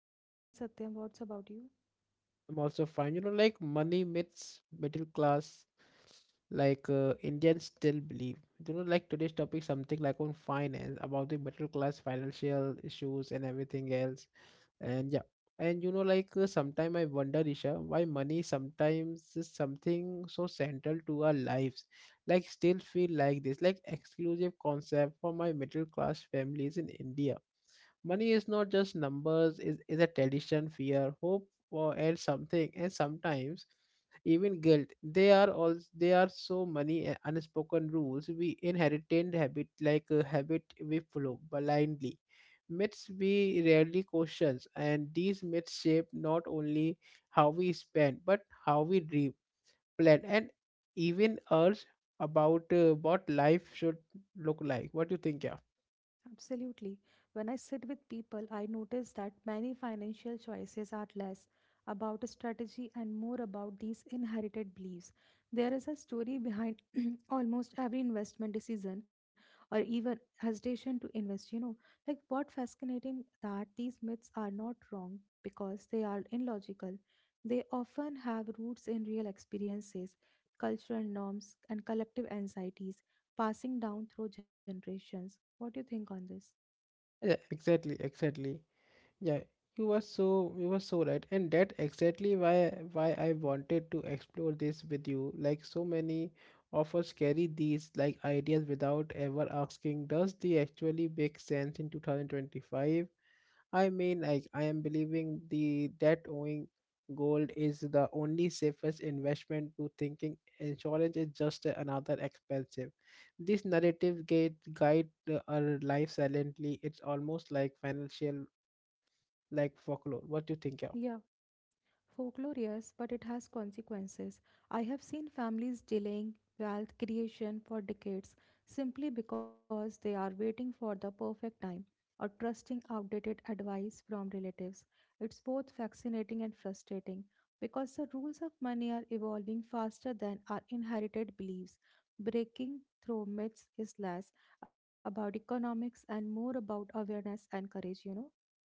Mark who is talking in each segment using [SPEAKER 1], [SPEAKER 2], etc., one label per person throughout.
[SPEAKER 1] I am fine, Satyam. What's about you?
[SPEAKER 2] I'm also fine. You know like money myths, middle class, like Indians still believe. You know like today's topic something like on finance, about the middle class financial issues and everything else. And yeah, and you know like sometimes I wonder Isha why money sometimes is something so central to our lives like still feel like this like exclusive concept for my middle class families in India. Money is not just numbers, is a tradition, fear, hope, or and something, and sometimes even guilt. They are so many unspoken rules we inherited habit like a habit we follow blindly. Myths we rarely question, and these myths shape not only how we spend but how we dream, plan, and even urge about what life should look like. What do you think? Yeah,
[SPEAKER 1] Absolutely. When I sit with people, I notice that many financial choices are less about strategy and more about these inherited beliefs. There is a story behind almost every investment decision or even hesitation to invest, you know. What fascinating that these myths are not wrong because they are illogical. They often have roots in real experiences, cultural norms, and collective anxieties passing down through generations. What do you think on this?
[SPEAKER 2] yeah, exactly, exactly. Yeah, you were so right, and that exactly why I wanted to explore this with you. Like so many of us carry these like ideas without ever asking, does they actually make sense in 2025? I mean, like I am believing the that owning gold is the only safest investment to thinking insurance is just another expensive. This narrative gate guide our life silently. It's almost like financial like folklore. What do you think, yeah?
[SPEAKER 1] Yeah. Folklore, yes, but it has consequences. I have seen families delaying wealth creation for decades simply because they are waiting for the perfect time or trusting outdated advice from relatives. It's both fascinating and frustrating because the rules of money are evolving faster than our inherited beliefs. Breaking through myths is less about economics and more about awareness and courage, you know.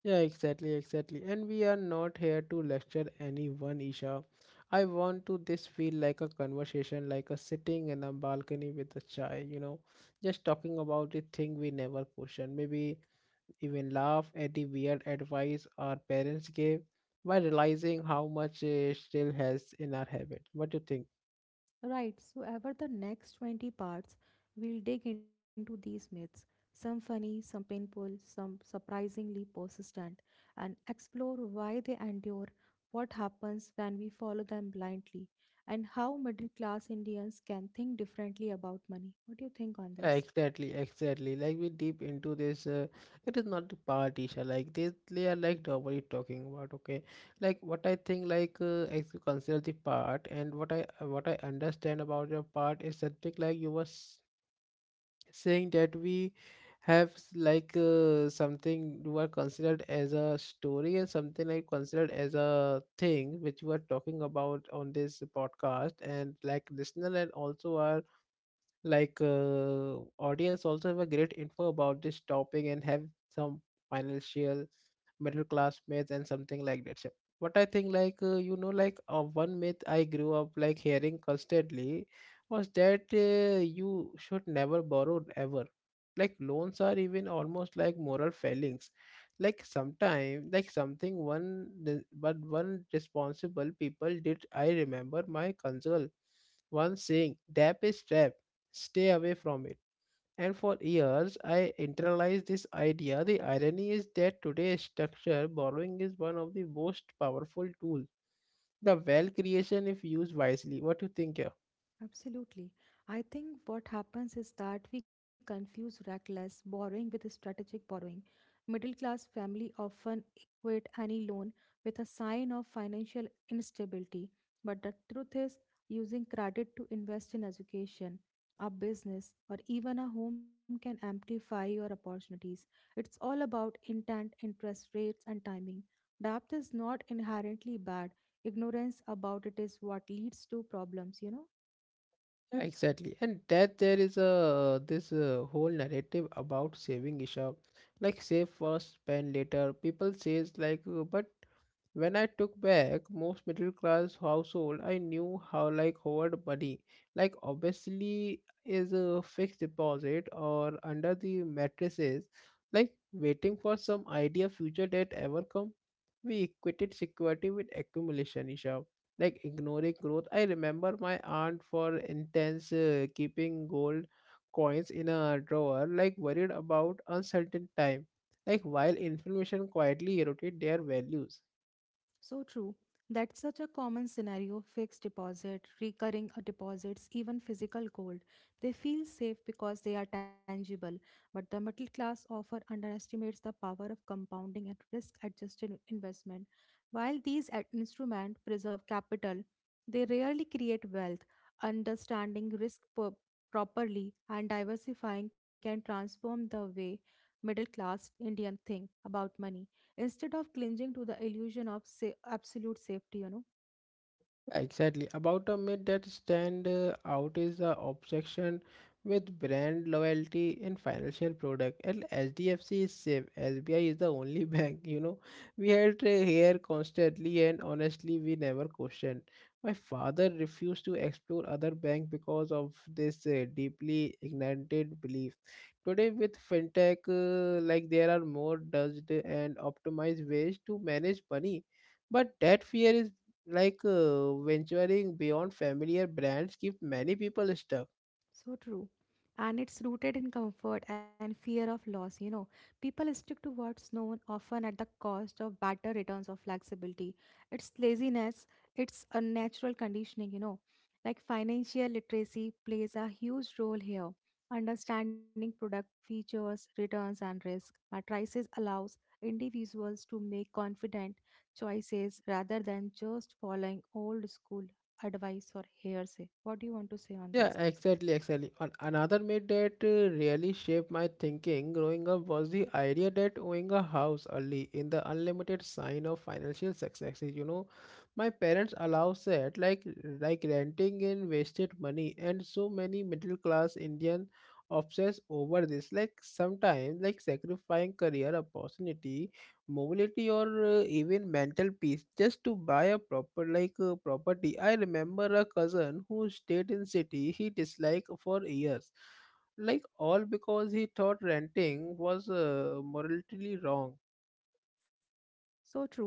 [SPEAKER 2] Yeah, exactly, exactly. And we are not here to lecture anyone, Isha. I want to this feel like a conversation, like a sitting in a balcony with a chai, you know, just talking about the thing we never question. Maybe even laugh at the weird advice our parents gave while realizing how much still has in our habit. What do you think?
[SPEAKER 1] Right, so over the next 20 parts, we'll dig into these myths, some funny, some painful, some surprisingly persistent, and explore why they endure, what happens when we follow them blindly, and how middle class Indians can think differently about money. What do you think on this?
[SPEAKER 2] Exactly, exactly. Like we deep into this, it is not the part. Like this, they are like doubly talking about. Okay, like what I think, like as you consider the part, and what I understand about your part is something like saying that we have something you are considered as a story and something like considered as a thing which we are talking about on this podcast, and like listener and also our like audience also have a great info about this topic and have some financial middle class myths and something like that. So what I think, like you know, like one myth I grew up like hearing constantly was that you should never borrow ever. Like loans are even almost like moral failings. Like sometime, like something one, re- but one responsible people did. I remember my counsel once saying, "Debt is trap." Stay away from it. And for years, I internalized this idea. The irony is that today's structure borrowing is one of the most powerful tools. The wealth creation, if used wisely. What do you think here?
[SPEAKER 1] Absolutely. I think what happens is that we confuse reckless borrowing with strategic borrowing. Middle class family often equate any loan with a sign of financial instability, but the truth is using credit to invest in education, a business, or even a home can amplify your opportunities. It's all about intent, interest rates, and timing. Debt is not inherently bad. Ignorance about it is what leads to problems, you know?
[SPEAKER 2] Yeah, exactly. And that there is a this whole narrative about saving Isha, like save first, spend later. People says like, but when I took back most middle class household, I knew how like hoard money, like obviously is a fixed deposit or under the mattresses, like waiting for some idea future debt ever come. We equated security with accumulation, Isha. Like ignoring growth, I remember my aunt for intense keeping gold coins in a drawer, like worried about uncertain time, like while information quietly eroded their values.
[SPEAKER 1] So true. That's such a common scenario fixed deposit, recurring deposits, even physical gold. They feel safe because they are tangible, but the middle class often underestimates the power of compounding and risk adjusted investment. While these instruments preserve capital, they rarely create wealth. Understanding properly and diversifying can transform the way middle class Indian think about money instead of clinging to the illusion of absolute safety, you know.
[SPEAKER 2] Exactly. About a myth that stand out is the obsession with brand loyalty in financial product. And HDFC is safe. SBI is the only bank. You know, we had here constantly, and honestly, we never questioned. My father refused to explore other bank because of this deeply ignited belief. Today, with fintech, like there are more dodged and optimized ways to manage money, but that fear is like venturing beyond familiar brands keep many people stuck.
[SPEAKER 1] So true. And it's rooted in comfort and fear of loss, you know. People stick to what's known often at the cost of better returns or flexibility. It's laziness, it's a natural conditioning, you know. Like financial literacy plays a huge role here. Understanding product features, returns, and risk matrices allows individuals to make confident choices rather than just following old school advice or hearsay. What do you want to say on
[SPEAKER 2] Yeah,
[SPEAKER 1] this?
[SPEAKER 2] exactly, exactly. And another myth that really shaped my thinking growing up was the idea that owning a house early in the unlimited sign of financial success is, you know, my parents allow that like renting in wasted money and so many middle class indian obsess over this like sometimes like sacrificing career opportunity mobility or even mental peace just to buy a proper like property. I remember a cousin who stayed in city he disliked for years like all because he thought renting was morally wrong.
[SPEAKER 1] So true.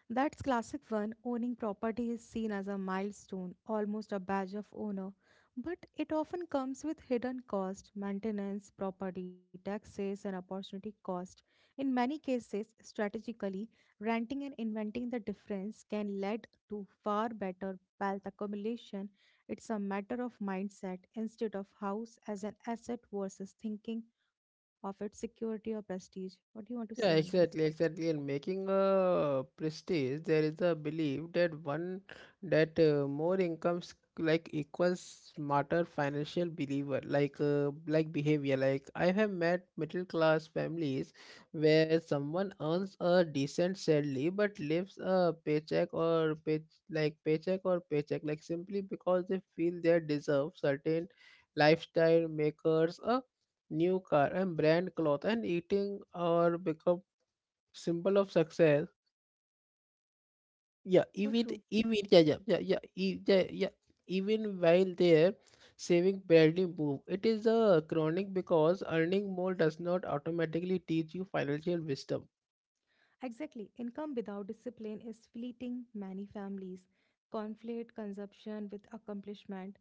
[SPEAKER 1] That's classic one. Owning property is seen as a milestone, almost a badge of honor, but it often comes with hidden cost, maintenance, property taxes, and opportunity cost. In many cases, strategically, renting and inventing the difference can lead to far better wealth accumulation. It's a matter of mindset instead of house as an asset versus thinking of its security or prestige. What do you want to say on
[SPEAKER 2] Yeah,
[SPEAKER 1] this?
[SPEAKER 2] exactly, exactly. And making a prestige, there is a belief that one that more incomes like equals smarter financial believer, like behavior. Like I have met middle class families where someone earns a decent salary but lives a paycheck or pay like paycheck or paycheck, like simply because they feel they deserve certain lifestyle makers a new car and brand cloth and eating or become symbol of success. Yeah,
[SPEAKER 1] So
[SPEAKER 2] even
[SPEAKER 1] true.
[SPEAKER 2] even yeah, yeah, yeah, yeah, yeah, yeah. Even while there saving barely move, it is a chronic because earning more does not automatically teach you financial wisdom.
[SPEAKER 1] Exactly. Income without discipline is fleeting. Many families conflate consumption with accomplishment,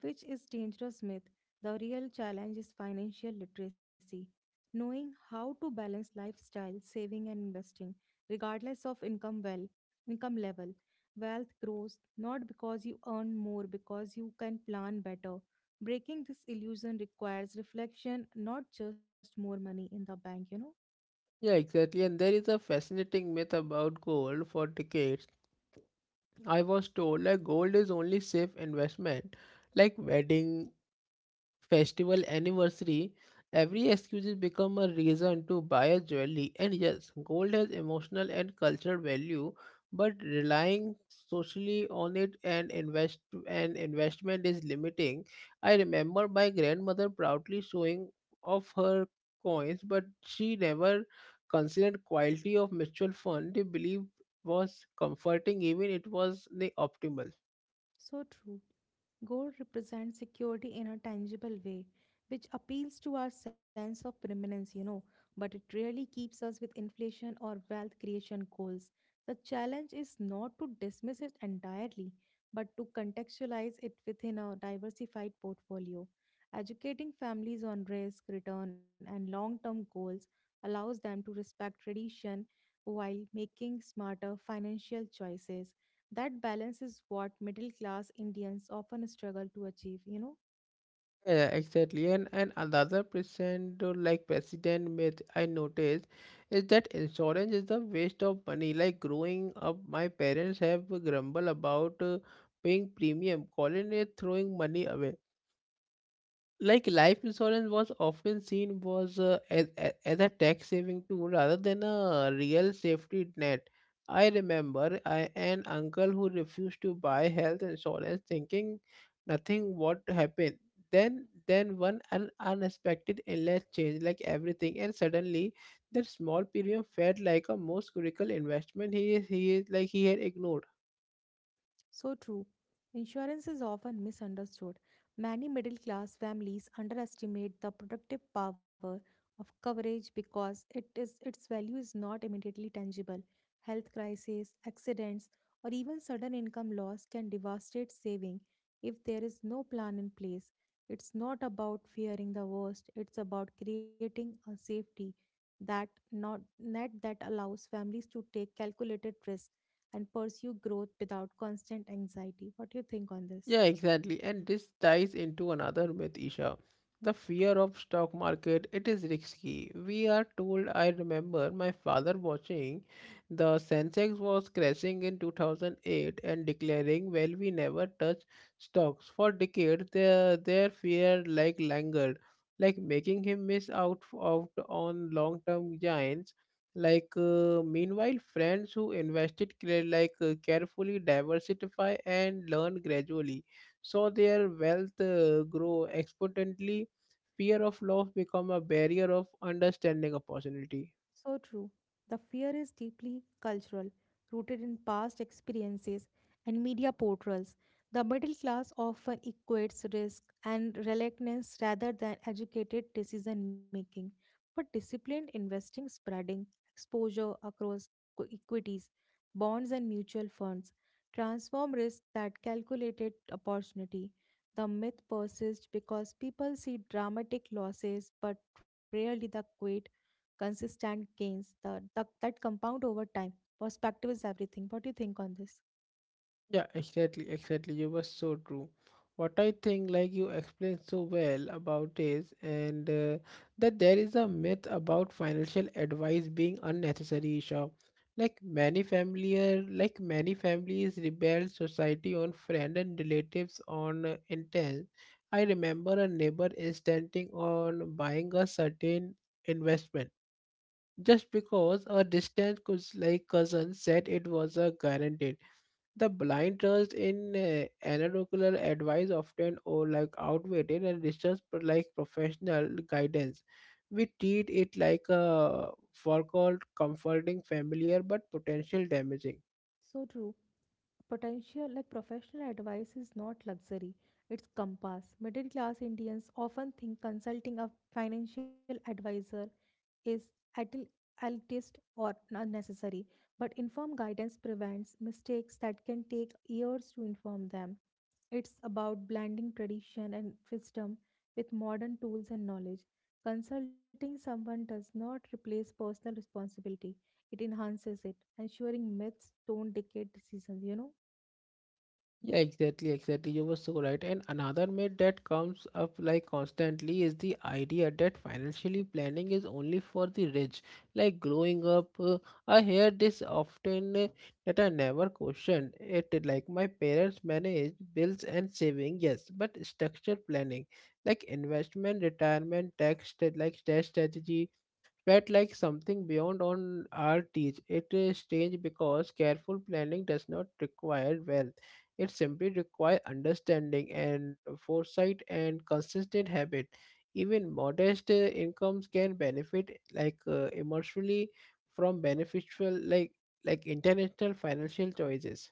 [SPEAKER 1] which is dangerous myth. The real challenge is financial literacy, knowing how to balance lifestyle, saving and investing, regardless of income level. Wealth grows not because you earn more, because you can plan better. Breaking this illusion requires reflection, not just more money in the bank, you know?
[SPEAKER 2] Yeah, exactly. And there is a fascinating myth about gold. For decades I was told that gold is only safe investment, like wedding festival anniversary every excuse has become a reason to buy a jewelry. And yes, gold has emotional and cultural value, but relying socially on it and investment is limiting. I remember my grandmother proudly showing off her coins, but she never considered quality of mutual fund they believed was comforting even it was the optimal.
[SPEAKER 1] So true. Gold represents security in a tangible way, which appeals to our sense of permanence, you know, but it rarely keeps us with inflation or wealth creation goals. The challenge is not to dismiss it entirely, but to contextualize it within a diversified portfolio. Educating families on risk, return, and long term goals allows them to respect tradition while making smarter financial choices. That balance is what middle class Indians often struggle to achieve, you know.
[SPEAKER 2] Yeah, exactly. And another percent or like president myth I noticed is that insurance is the waste of money. Like growing up, my parents have grumbled about paying premium, calling it throwing money away. Like life insurance was often seen was as a tax saving tool rather than a real safety net. I remember an uncle who refused to buy health insurance thinking nothing would happen. Then unexpected illness changed like everything, and suddenly that small premium felt like a most critical investment he is like he had ignored.
[SPEAKER 1] So true. Insurance is often misunderstood. Many middle class families underestimate the productive power of coverage because it is its value is not immediately tangible. Health crises, accidents, or even sudden income loss can devastate saving if there is no plan in place. It's not about fearing the worst, it's about creating a safety that not net that allows families to take calculated risk and pursue growth without constant anxiety. What do you think on this?
[SPEAKER 2] Yeah, exactly. And this ties into another myth, Isha. The fear of stock market, it is risky, we are told. I remember my father watching the Sensex was crashing in 2008 and declaring, well, we never touch stocks. For decades, their fear like languid, like making him miss out on long-term gains like meanwhile friends who invested carefully diversify and learn gradually so their wealth grow exponentially. Fear of loss become a barrier of understanding opportunity.
[SPEAKER 1] So true. The fear is deeply cultural, rooted in past experiences and media portrayals. The middle class often equates risk and reluctance rather than educated decision making. But disciplined investing, spreading exposure across equities, bonds, and mutual funds transform risk that calculated opportunity. The myth persists because people see dramatic losses but rarely the quiet consistent gains the that compound over time. Perspective is everything. What do you think on this?
[SPEAKER 2] Yeah, exactly, exactly. You were so true. What I think, like you explained so well about is, and that there is a myth about financial advice being unnecessary, Isha. Like many families rebel society on friend and relatives on intent. I remember a neighbor insisting on buying a certain investment just because a distant cousin said it was a guaranteed. The blind trust in anecdotal advice often or like outweighted and distrust but like professional guidance. We treat it like a for called comforting familiar but potential damaging.
[SPEAKER 1] So true. Potential like professional advice is not luxury, it's compass. Middle class Indians often think consulting a financial advisor is at el- elitist or unnecessary, but informed guidance prevents mistakes that can take years to inform them. It's about blending tradition and wisdom with modern tools and knowledge. Consulting someone does not replace personal responsibility, it enhances it, ensuring myths don't dictate decisions, you know.
[SPEAKER 2] Yeah, exactly, exactly. You were so right. And another myth that comes up like constantly is the idea that financially planning is only for the rich. Like growing up, I hear this often that I never questioned it. Like my parents managed bills and saving, yes, but structured planning, like investment, retirement, tax strategy felt like something beyond on our teach. It is strange because careful planning does not require wealth. It simply requires understanding and foresight and consistent habit. Even modest incomes can benefit like emotionally from beneficial international financial choices.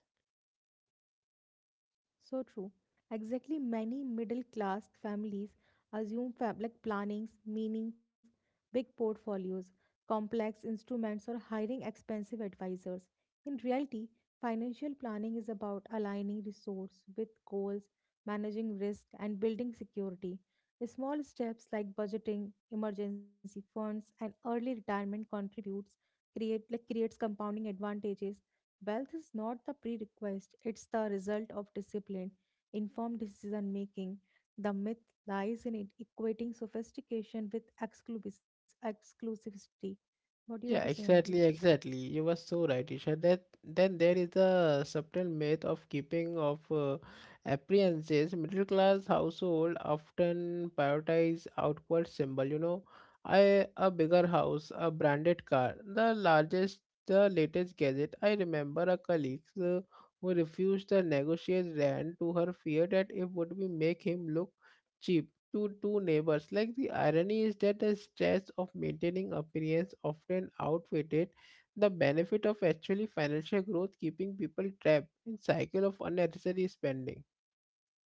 [SPEAKER 1] So true. Exactly, many middle class families assume plannings, meanings, big portfolios, complex instruments, or hiring expensive advisors. In reality, financial planning is about aligning resource with goals, managing risk, and building security. Small steps like budgeting, emergency funds, and early retirement contributes create like creates compounding advantages. Wealth is not the prerequisite, it's the result of discipline, informed decision making. The myth lies in it equating sophistication with exclusivity. What do you want to say
[SPEAKER 2] Yeah,
[SPEAKER 1] on this?
[SPEAKER 2] exactly, exactly. You were so right, Isha. That then there is a subtle myth of keeping of appearances. Middle class household often prioritize outward symbol. You know, I a bigger house, a branded car, the largest, the latest gadget. I remember a colleague who refused to negotiate rent to her fear that it would be make him look cheap to two neighbors. Like the irony is that the stress of maintaining appearance often outweighed the benefit of actually financial growth, keeping people trapped in cycle of unnecessary spending.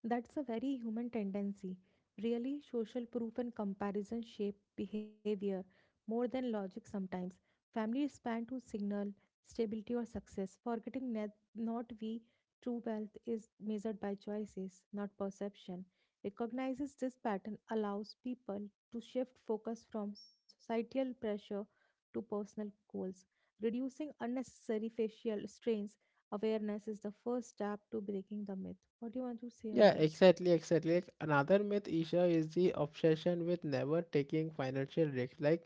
[SPEAKER 1] That's a very human tendency. Really, social proof and comparison shape behavior more than logic sometimes. Families span to signal stability or success, forgetting that not we true wealth is measured by choices, not perception. Recognizes this pattern allows people to shift focus from societal pressure to personal goals, reducing unnecessary facial strains. Awareness is the first step to breaking the myth. What do you want to say on
[SPEAKER 2] Yeah,
[SPEAKER 1] this?
[SPEAKER 2] exactly, exactly. Like, another myth, Isha, is the obsession with never taking financial risk.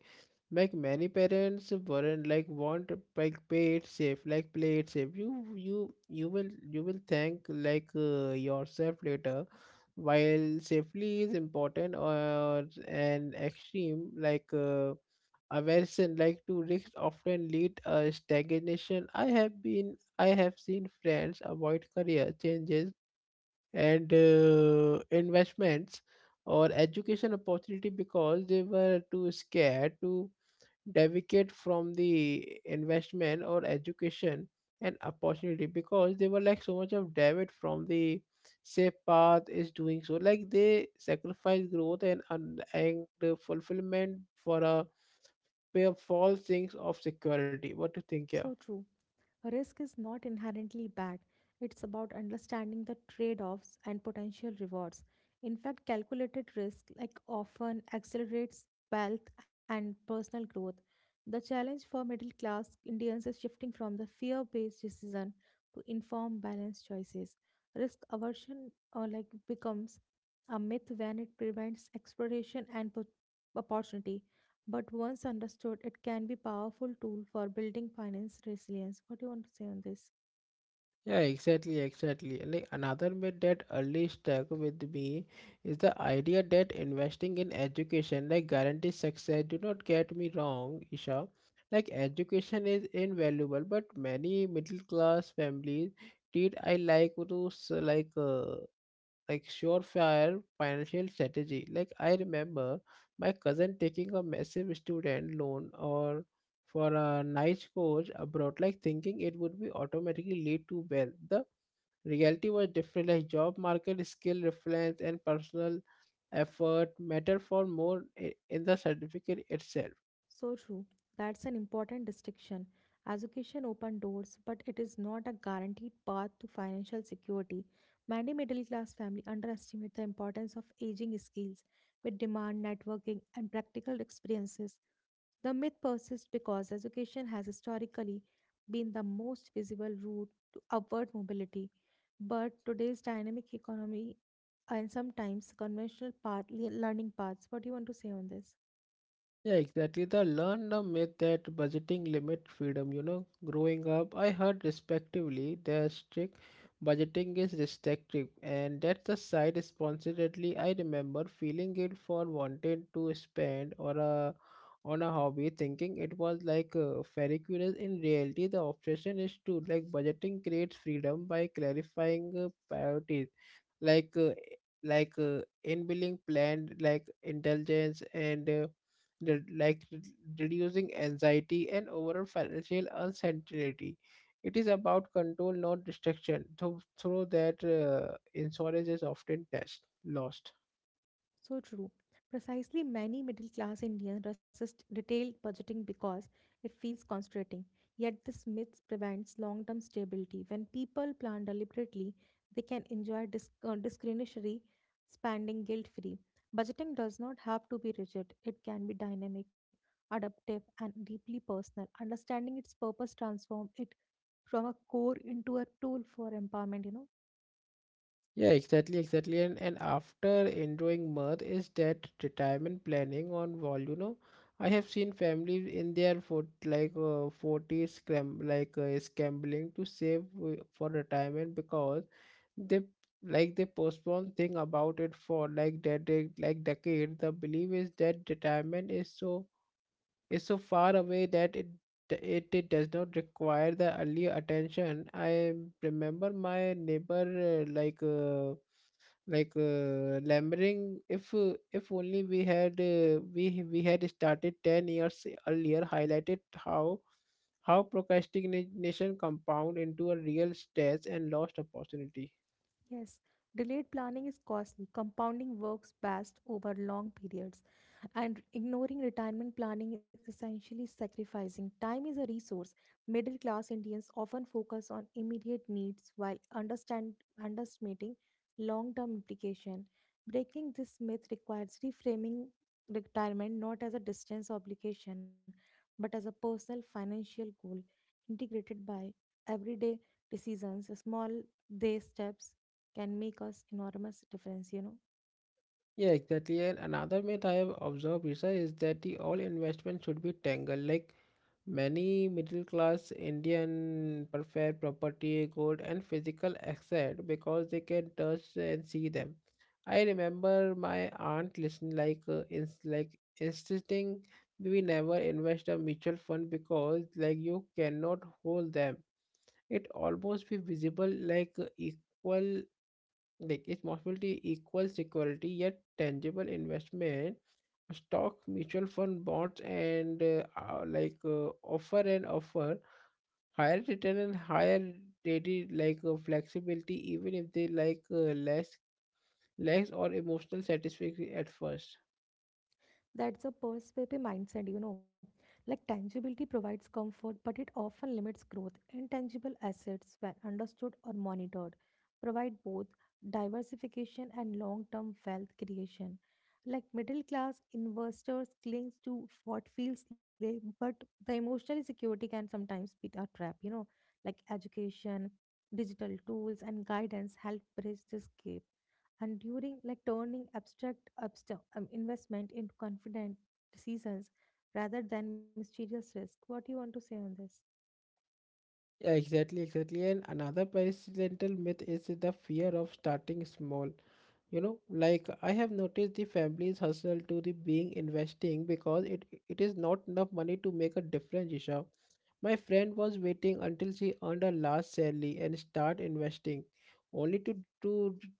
[SPEAKER 2] Like many parents weren't like want like pay it safe, like play it safe. You will thank like yourself later. While safely is important or an extreme like aversion like to risk often lead a stagnation. I have seen friends avoid career changes and investments or education opportunity because they were too scared to deviate from the investment or education and opportunity because they were like so much of deviate from the safe path is doing so like they sacrifice growth and the fulfillment for a pair of false things of security. What do you think?
[SPEAKER 1] So
[SPEAKER 2] Yeah,
[SPEAKER 1] true. Risk is not inherently bad. It's about understanding the trade offs and potential rewards. In fact, calculated risk like often accelerates wealth and personal growth. The challenge for middle class Indians is shifting from the fear based decision to inform balanced choices. Risk aversion like becomes a myth when it prevents exploration and opportunity. But once understood, it can be powerful tool for building finance resilience. What do you want to say on this?
[SPEAKER 2] yeah, exactly, exactly. Like another myth that early stuck with me is the idea that investing in education like guarantees success. Do not get me wrong, Isha. Like education is invaluable, but many middle class families treat I like to like surefire financial strategy. Like I remember my cousin taking a massive student loan or for a nice course abroad, like thinking it would be automatically lead to wealth. The reality was different, like job market skill reference and personal effort matter for more in the certificate itself.
[SPEAKER 1] So true. That's an important distinction. Education open doors, but it is not a guaranteed path to financial security. Many middle class families underestimate the importance of aging skills, which demand networking and practical experiences. The myth persists because education has historically been the most visible route to upward mobility. But today's dynamic economy and sometimes conventional path, learning paths. What do you want to say on this?
[SPEAKER 2] Yeah, exactly. The learn the myth that budgeting limit freedom. You know, growing up, I heard respectively that strict budgeting is restrictive, and that's the side responsibility. I remember feeling guilt for wanting to spend or a on a hobby, thinking it was like fairy queens. In reality, the obsession is to like budgeting creates freedom by clarifying priorities like uh, like uh, inbuilding planned like intelligence and re- like re- reducing anxiety and overall financial uncertainty. It is about control, not destruction. Through that, insurance is often test lost.
[SPEAKER 1] So true. Precisely, many middle class Indians resist detailed budgeting because it feels constraining. Yet, this myth prevents long term stability. When people plan deliberately, they can enjoy discretionary spending guilt free. Budgeting does not have to be rigid, it can be dynamic, adaptive, and deeply personal. Understanding its purpose transforms it from a core into a tool for empowerment, you know.
[SPEAKER 2] Yeah, exactly, exactly. And after enjoying mirth is that retirement planning on wall, you know. I have seen families in their for 40 scrambling to save for retirement because they like they postpone thing about it for like that they like decade. The belief is that retirement is so far away that it does not require the early attention. I remember my neighbor uh, like. Uh, Lambering, if only we had we had started 10 years earlier, highlighted how procrastination compound into a real stress and lost opportunity.
[SPEAKER 1] Yes, delayed planning is costly. Compounding works best over long periods. And ignoring retirement planning is essentially sacrificing. Time is a resource. Middle class Indians often focus on immediate needs while underestimating long term implication. Breaking this myth requires reframing retirement not as a distance obligation but as a personal financial goal integrated by everyday decisions. Small day steps can make us enormous difference, you know.
[SPEAKER 2] Yeah, exactly. And another myth I have observed, Isha, is that the all investment should be tangled. Like many middle class Indian prefer property, gold, and physical asset because they can touch and see them. I remember my aunt listening insisting we never invest a mutual fund because like you cannot hold them. It almost be visible equal like responsibility equals security, yet tangible investment, stock, mutual fund, bonds, and offer higher return and higher daily flexibility, even if they less or emotional satisfaction at first.
[SPEAKER 1] That's a perspective mindset, you know. Like tangibility provides comfort, but it often limits growth. Intangible assets, when understood or monitored, provide both diversification and long term wealth creation. Like middle class investors clings to what feels safe, but the emotional security can sometimes be a trap, you know. Like education, digital tools, and guidance help bridge this gap and during like turning abstract investment into confident seasons rather than mysterious risk. What do you want to say on this?
[SPEAKER 2] Yeah, exactly, exactly. And another parental myth is the fear of starting small. You know, like I have noticed the families hustle to the being investing because it is not enough money to make a difference, Isha. My friend was waiting until she earned her last salary and start investing, only to to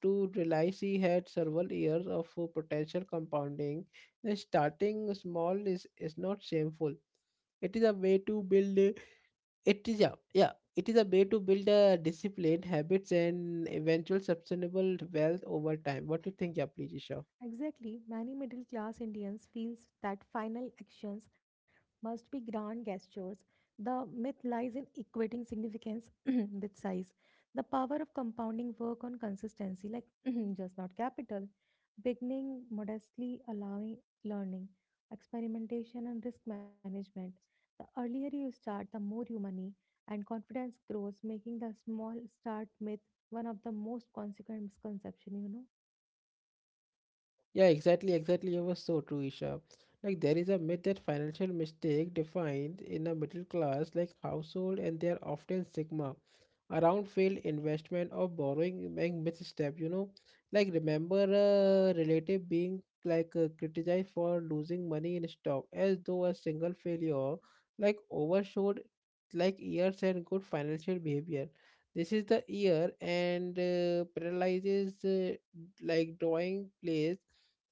[SPEAKER 2] to realize she had several years of potential compounding. Then starting small is not shameful. It is a way to build it is yeah, yeah. It is a way to build a disciplined habits, and eventual sustainable wealth over time. What do you think? Yeah, please, Isha?
[SPEAKER 1] Exactly, many middle class Indians feels that final actions must be grand gestures. The myth lies in equating significance with size. The power of compounding work on consistency, like just not capital, beginning modestly, allowing learning, experimentation, and risk management. The earlier you start, the more you money and confidence grows, making the small start myth one of the most consequent misconception, you know.
[SPEAKER 2] Yeah, exactly, exactly. It was so true, Isha. Like there is a myth that financial mistake defined in a middle class like household and they are often stigma around failed investment or borrowing and misstep, you know. Like remember a relative being criticized for losing money in stock as though a single failure like overshadowed like years and good financial behavior. This is the year and paralyzes like drawing place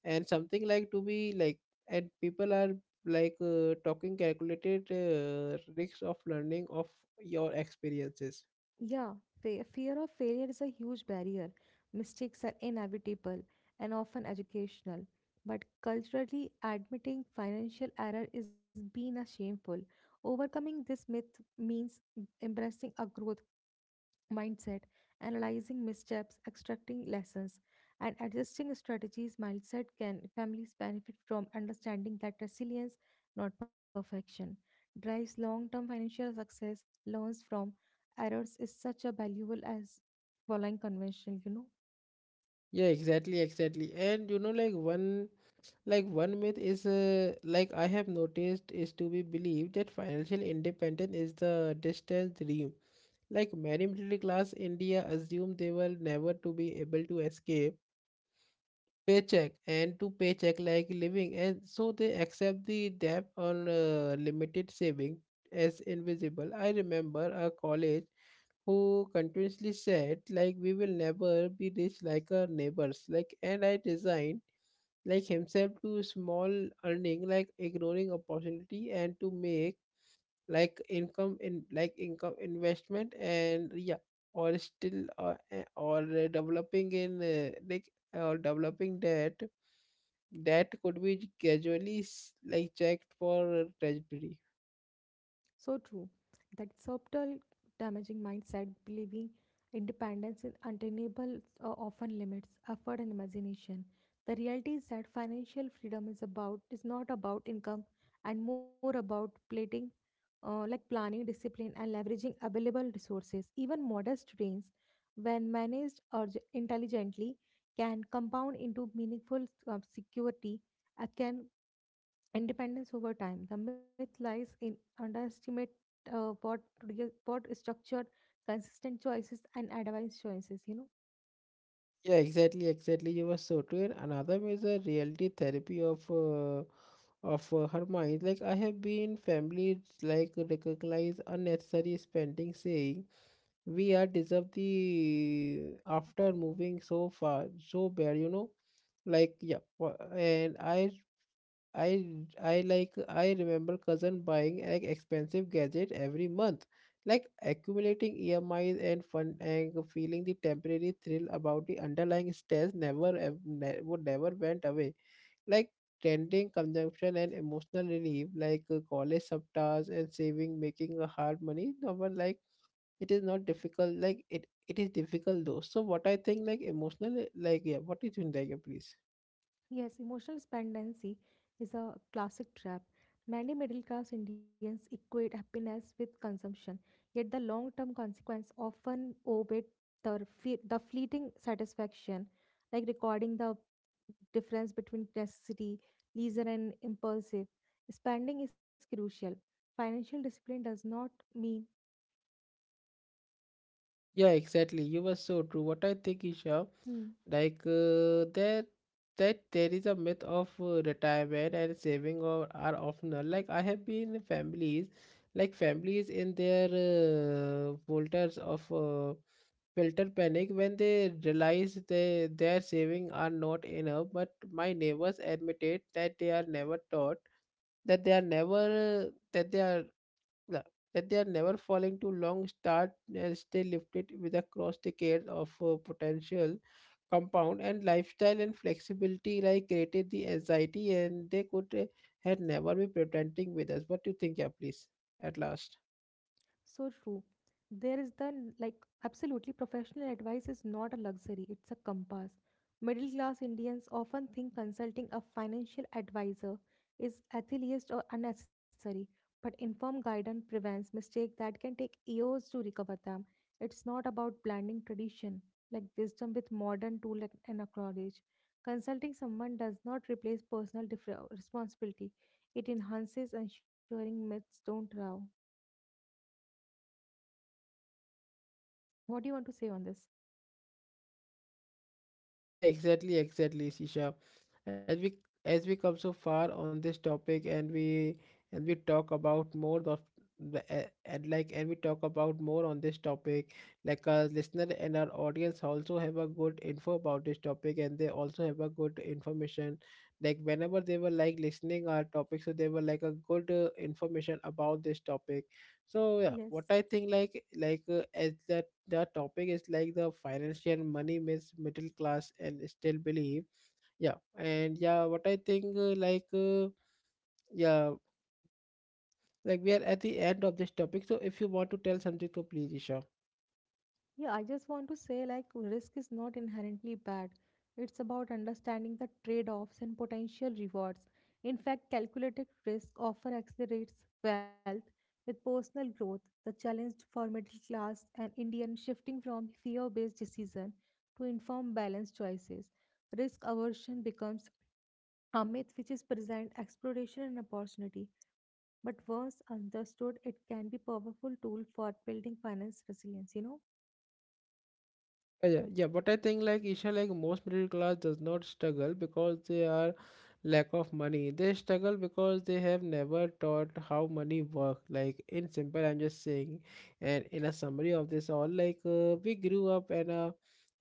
[SPEAKER 2] and something like to be like and people are talking calculated risks of learning of your experiences.
[SPEAKER 1] Yeah, fear of failure is a huge barrier. Mistakes are inevitable and often educational. But culturally, admitting financial error is being a shameful. Overcoming this myth means embracing a growth mindset, analyzing missteps, extracting lessons, and adjusting strategies, mindset can families benefit from understanding that resilience, not perfection, drives long-term financial success, learns from errors is such a valuable as following conventional, you know.
[SPEAKER 2] Yeah, exactly, exactly. And you know, like one myth is I have noticed is to be believed that financial independence is the distant dream. Like many middle class India assume they will never to be able to escape paycheck and to paycheck like living, and so they accept the debt on limited saving as invisible. I remember a college who continuously said like we will never be rich like our neighbors like, and I designed like himself to small earning, like ignoring opportunity and to make like income in like income investment and yeah, or still eh, or developing in like or developing debt that could be gradually checked for trajectory.
[SPEAKER 1] So true. That subtle damaging mindset, believing independence is attainable, often limits effort and imagination. The reality is that financial freedom is about is not about income and more about plating, like planning, discipline, and leveraging available resources. Even modest gains, when managed intelligently, can compound into meaningful security. Can independence over time. The myth lies in underestimate uh, board, board structure, consistent choices, and advanced choices, you know.
[SPEAKER 2] Yeah, exactly, exactly. You were so true. And another major reality therapy of her mind. Like I have been families like recognize unnecessary spending, saying we are deserve the after moving so far so bad. You know, like yeah. And I remember cousin buying like expensive gadget every month, like accumulating EMIs and fun and feeling the temporary thrill about the underlying stress never ev- ne- would never went away. Like trending consumption and emotional relief, like college subtas and saving, making a hard money. No one like it is not difficult. Like it is difficult though. So what I think like emotional like yeah. What do you think, like please?
[SPEAKER 1] Yes, emotional dependency is a classic trap. Many middle class Indians equate happiness with consumption, yet the long term consequence often outweigh the fleeting satisfaction, like recording the difference between necessity, leisure, and impulsive. Spending is crucial. Financial discipline does not mean.
[SPEAKER 2] Yeah, exactly. You were so true. What I think, Isha.
[SPEAKER 1] Hmm.
[SPEAKER 2] Like uh, that that there is a myth of retirement and saving or are often like I have been families like families in their volters of filter panic when they realize they their saving are not enough, but my neighbors admitted that they are never taught that they are never that they are the- that they are never falling too long start and stay lifted with across decades of potential compound and lifestyle and flexibility like created the anxiety and they could had never be pretending with us. What do you think? Yeah, please, at last.
[SPEAKER 1] So true. There is the like Absolutely, professional advice is not a luxury, it's a compass. Middle class Indians often think consulting a financial advisor is atheist or unnecessary, but informed guidance prevents mistakes that can take years to recover them. It's not about blending tradition like wisdom with modern tool and a knowledge. Consulting someone does not replace responsibility. It enhances ensuring myths don't allow. What do you want to say on this?
[SPEAKER 2] Yeah, exactly, exactly, Sisha. As we as we come so far on this topic and we talk about more of the a- and like and we talk about more on this topic, like our listener and our audience also have a good info about this topic and they also have a good information. Like whenever they were like listening our topic, so they were like a good information about this topic. So yeah,
[SPEAKER 1] Yes.
[SPEAKER 2] what I think as the topic is like the financial money myths middle class and still believe, yeah. And yeah, what I think yeah, like we are at the end of this topic, so if you want to tell something, so please, Isha.
[SPEAKER 1] Yeah, I just want to say like risk is not inherently bad. It's about understanding the trade-offs and potential rewards. In fact, calculated risk often accelerates wealth with personal growth. The challenge for middle class and Indian shifting from fear-based decision to informed balanced choices. Risk aversion becomes a myth which is present exploration and opportunity, but once understood, it can be powerful tool for building finance resilience, you know.
[SPEAKER 2] Yeah, yeah, but I think like Isha, like most middle class does not struggle because they are lack of money. They struggle because they have never taught how money work. Like in simple, I'm just saying, and in a summary of this all, we grew up and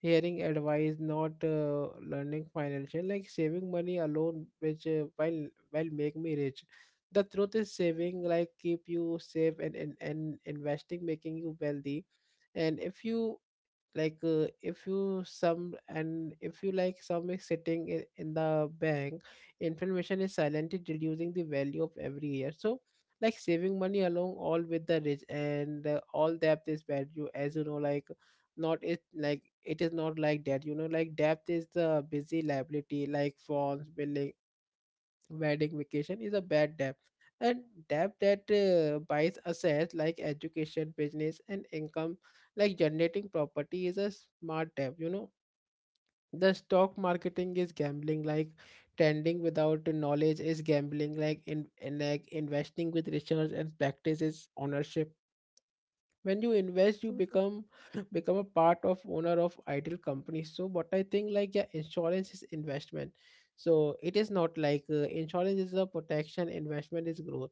[SPEAKER 2] hearing advice, not learning financial, like saving money alone, which while make me rich. The truth is saving like keep you safe, and investing making you wealthy. And if you like if you some and if you like some is sitting in the bank, inflation is silently reducing the value of every year. So like saving money along all with the rich and all debt is value as you know, like not it like it is not like that, you know. Like debt is the busy liability, like phones billing, wedding vacation is a bad debt. And debt that buys assets like education, business, and income like generating property is a smart debt, you know. The stock marketing is gambling, like trending without knowledge is gambling, like in like investing with research and practice is ownership. When you invest,
[SPEAKER 1] So
[SPEAKER 2] you
[SPEAKER 1] true.
[SPEAKER 2] become become a part of owner of ideal companies. So what I think, like yeah, insurance is investment. So it is not like insurance is a protection, investment is growth.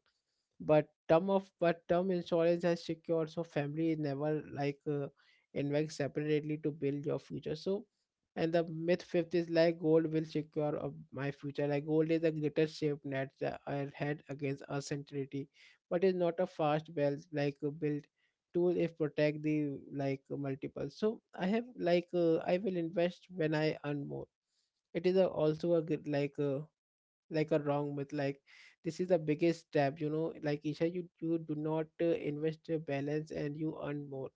[SPEAKER 2] But term of but term insurance has secured, so family is never like invest separately to build your future. So, and the myth fifth is like gold will secure of my future. Like gold is the greatest safe net that I had against uncertainty, but is not a fast wealth built tool if protect the like multiple. So I have I will invest when I earn more. It is a, also a good like a wrong myth. Like this is the biggest step, you know. Like Isha, you do not invest your balance and you earn more.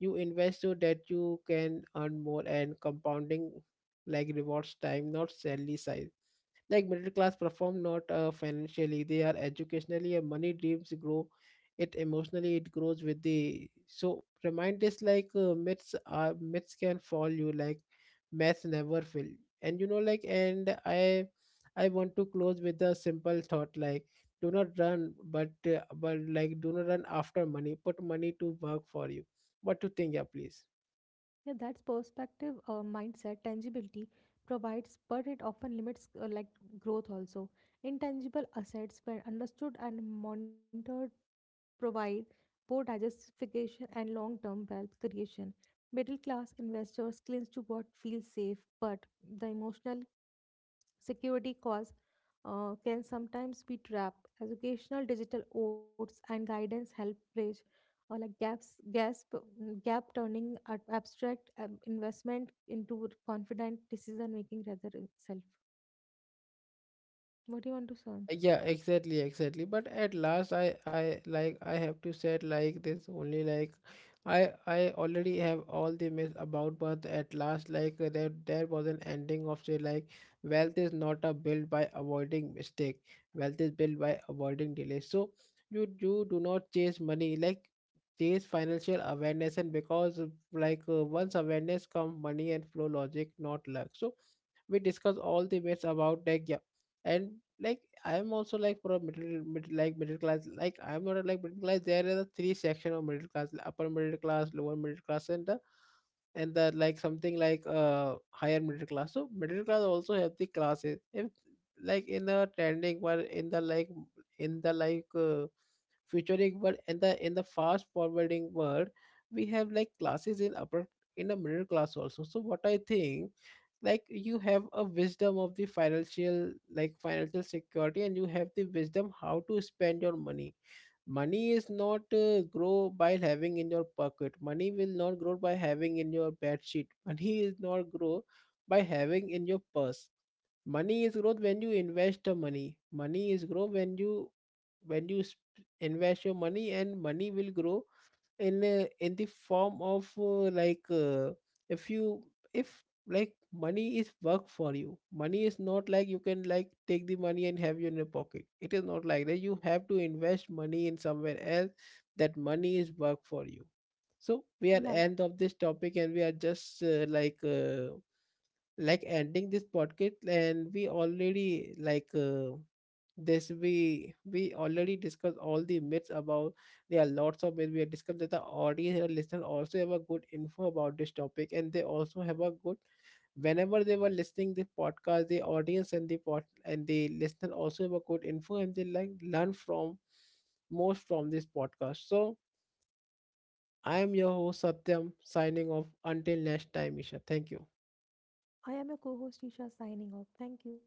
[SPEAKER 2] You invest so that you can earn more, and compounding like rewards time, not salary size. Like middle class perform not financially, they are educationally, and money dreams grow, it emotionally it grows with the. So remind this like myths are myths, can fall you like maths never fail. And you know, like, and I want to close with a simple thought. Like do not run but like do not run after money, put money to work for you. What to think? Yeah, please.
[SPEAKER 1] Yeah, that's perspective, mindset, tangibility provides, but it often limits growth also. Intangible assets, when understood and monitored, provide both diversification and long-term wealth creation. Middle-class investors cling to what feels safe, but the emotional security cause can sometimes be trapped. Educational digital oats and guidance help bridge uh, like gaps, gasp, gap turning abstract investment into confident decision making rather itself. What do you want to say on this?
[SPEAKER 2] Yeah, exactly, exactly. But at last, I have to say it like this only. Like I already have all the myths about, but at last, there was an ending of say like wealth is not a built by avoiding mistake, wealth is built by avoiding delay. So you do not chase money. Like chase financial awareness. And because once awareness come, money and flow logic not luck. So we discuss all the bits about like yeah. And like I'm also like for a middle class, like I'm not a, like middle class. There are the three section of middle class like upper middle class, lower middle class, and the like something like higher middle class. So middle class also have the classes if like in the trending or in the like in the featuring world, in the fast forwarding world, we have like classes in upper in the middle class also. So what I think, like you have a wisdom of the financial like financial security, and you have the wisdom how to spend your money. Money is not grow by having in your pocket. Money will not grow by having in your bed sheet. Money is not grow by having in your purse. Money is growth when you invest the money. Money is grow when you when you sp- invest your money and money will grow in a, in the form of if you if like money is work for you. Money is not like you can like take the money and have you in your pocket. It is not like that. You have to invest money in somewhere else, that money is work for you. So we
[SPEAKER 1] Yeah,
[SPEAKER 2] are end of this topic, and we are just like ending this podcast, and we already this we already discussed all the myths about. There are lots of myths we have discussed, that the audience and listener also have a good info about this topic, and they also have a good whenever they were listening the podcast, the audience and the listener also have a good info, and they like learn from most from this podcast. So I am your host Satyam, signing off until next time. Isha, thank you.
[SPEAKER 1] I am your co-host Isha signing off. Thank you.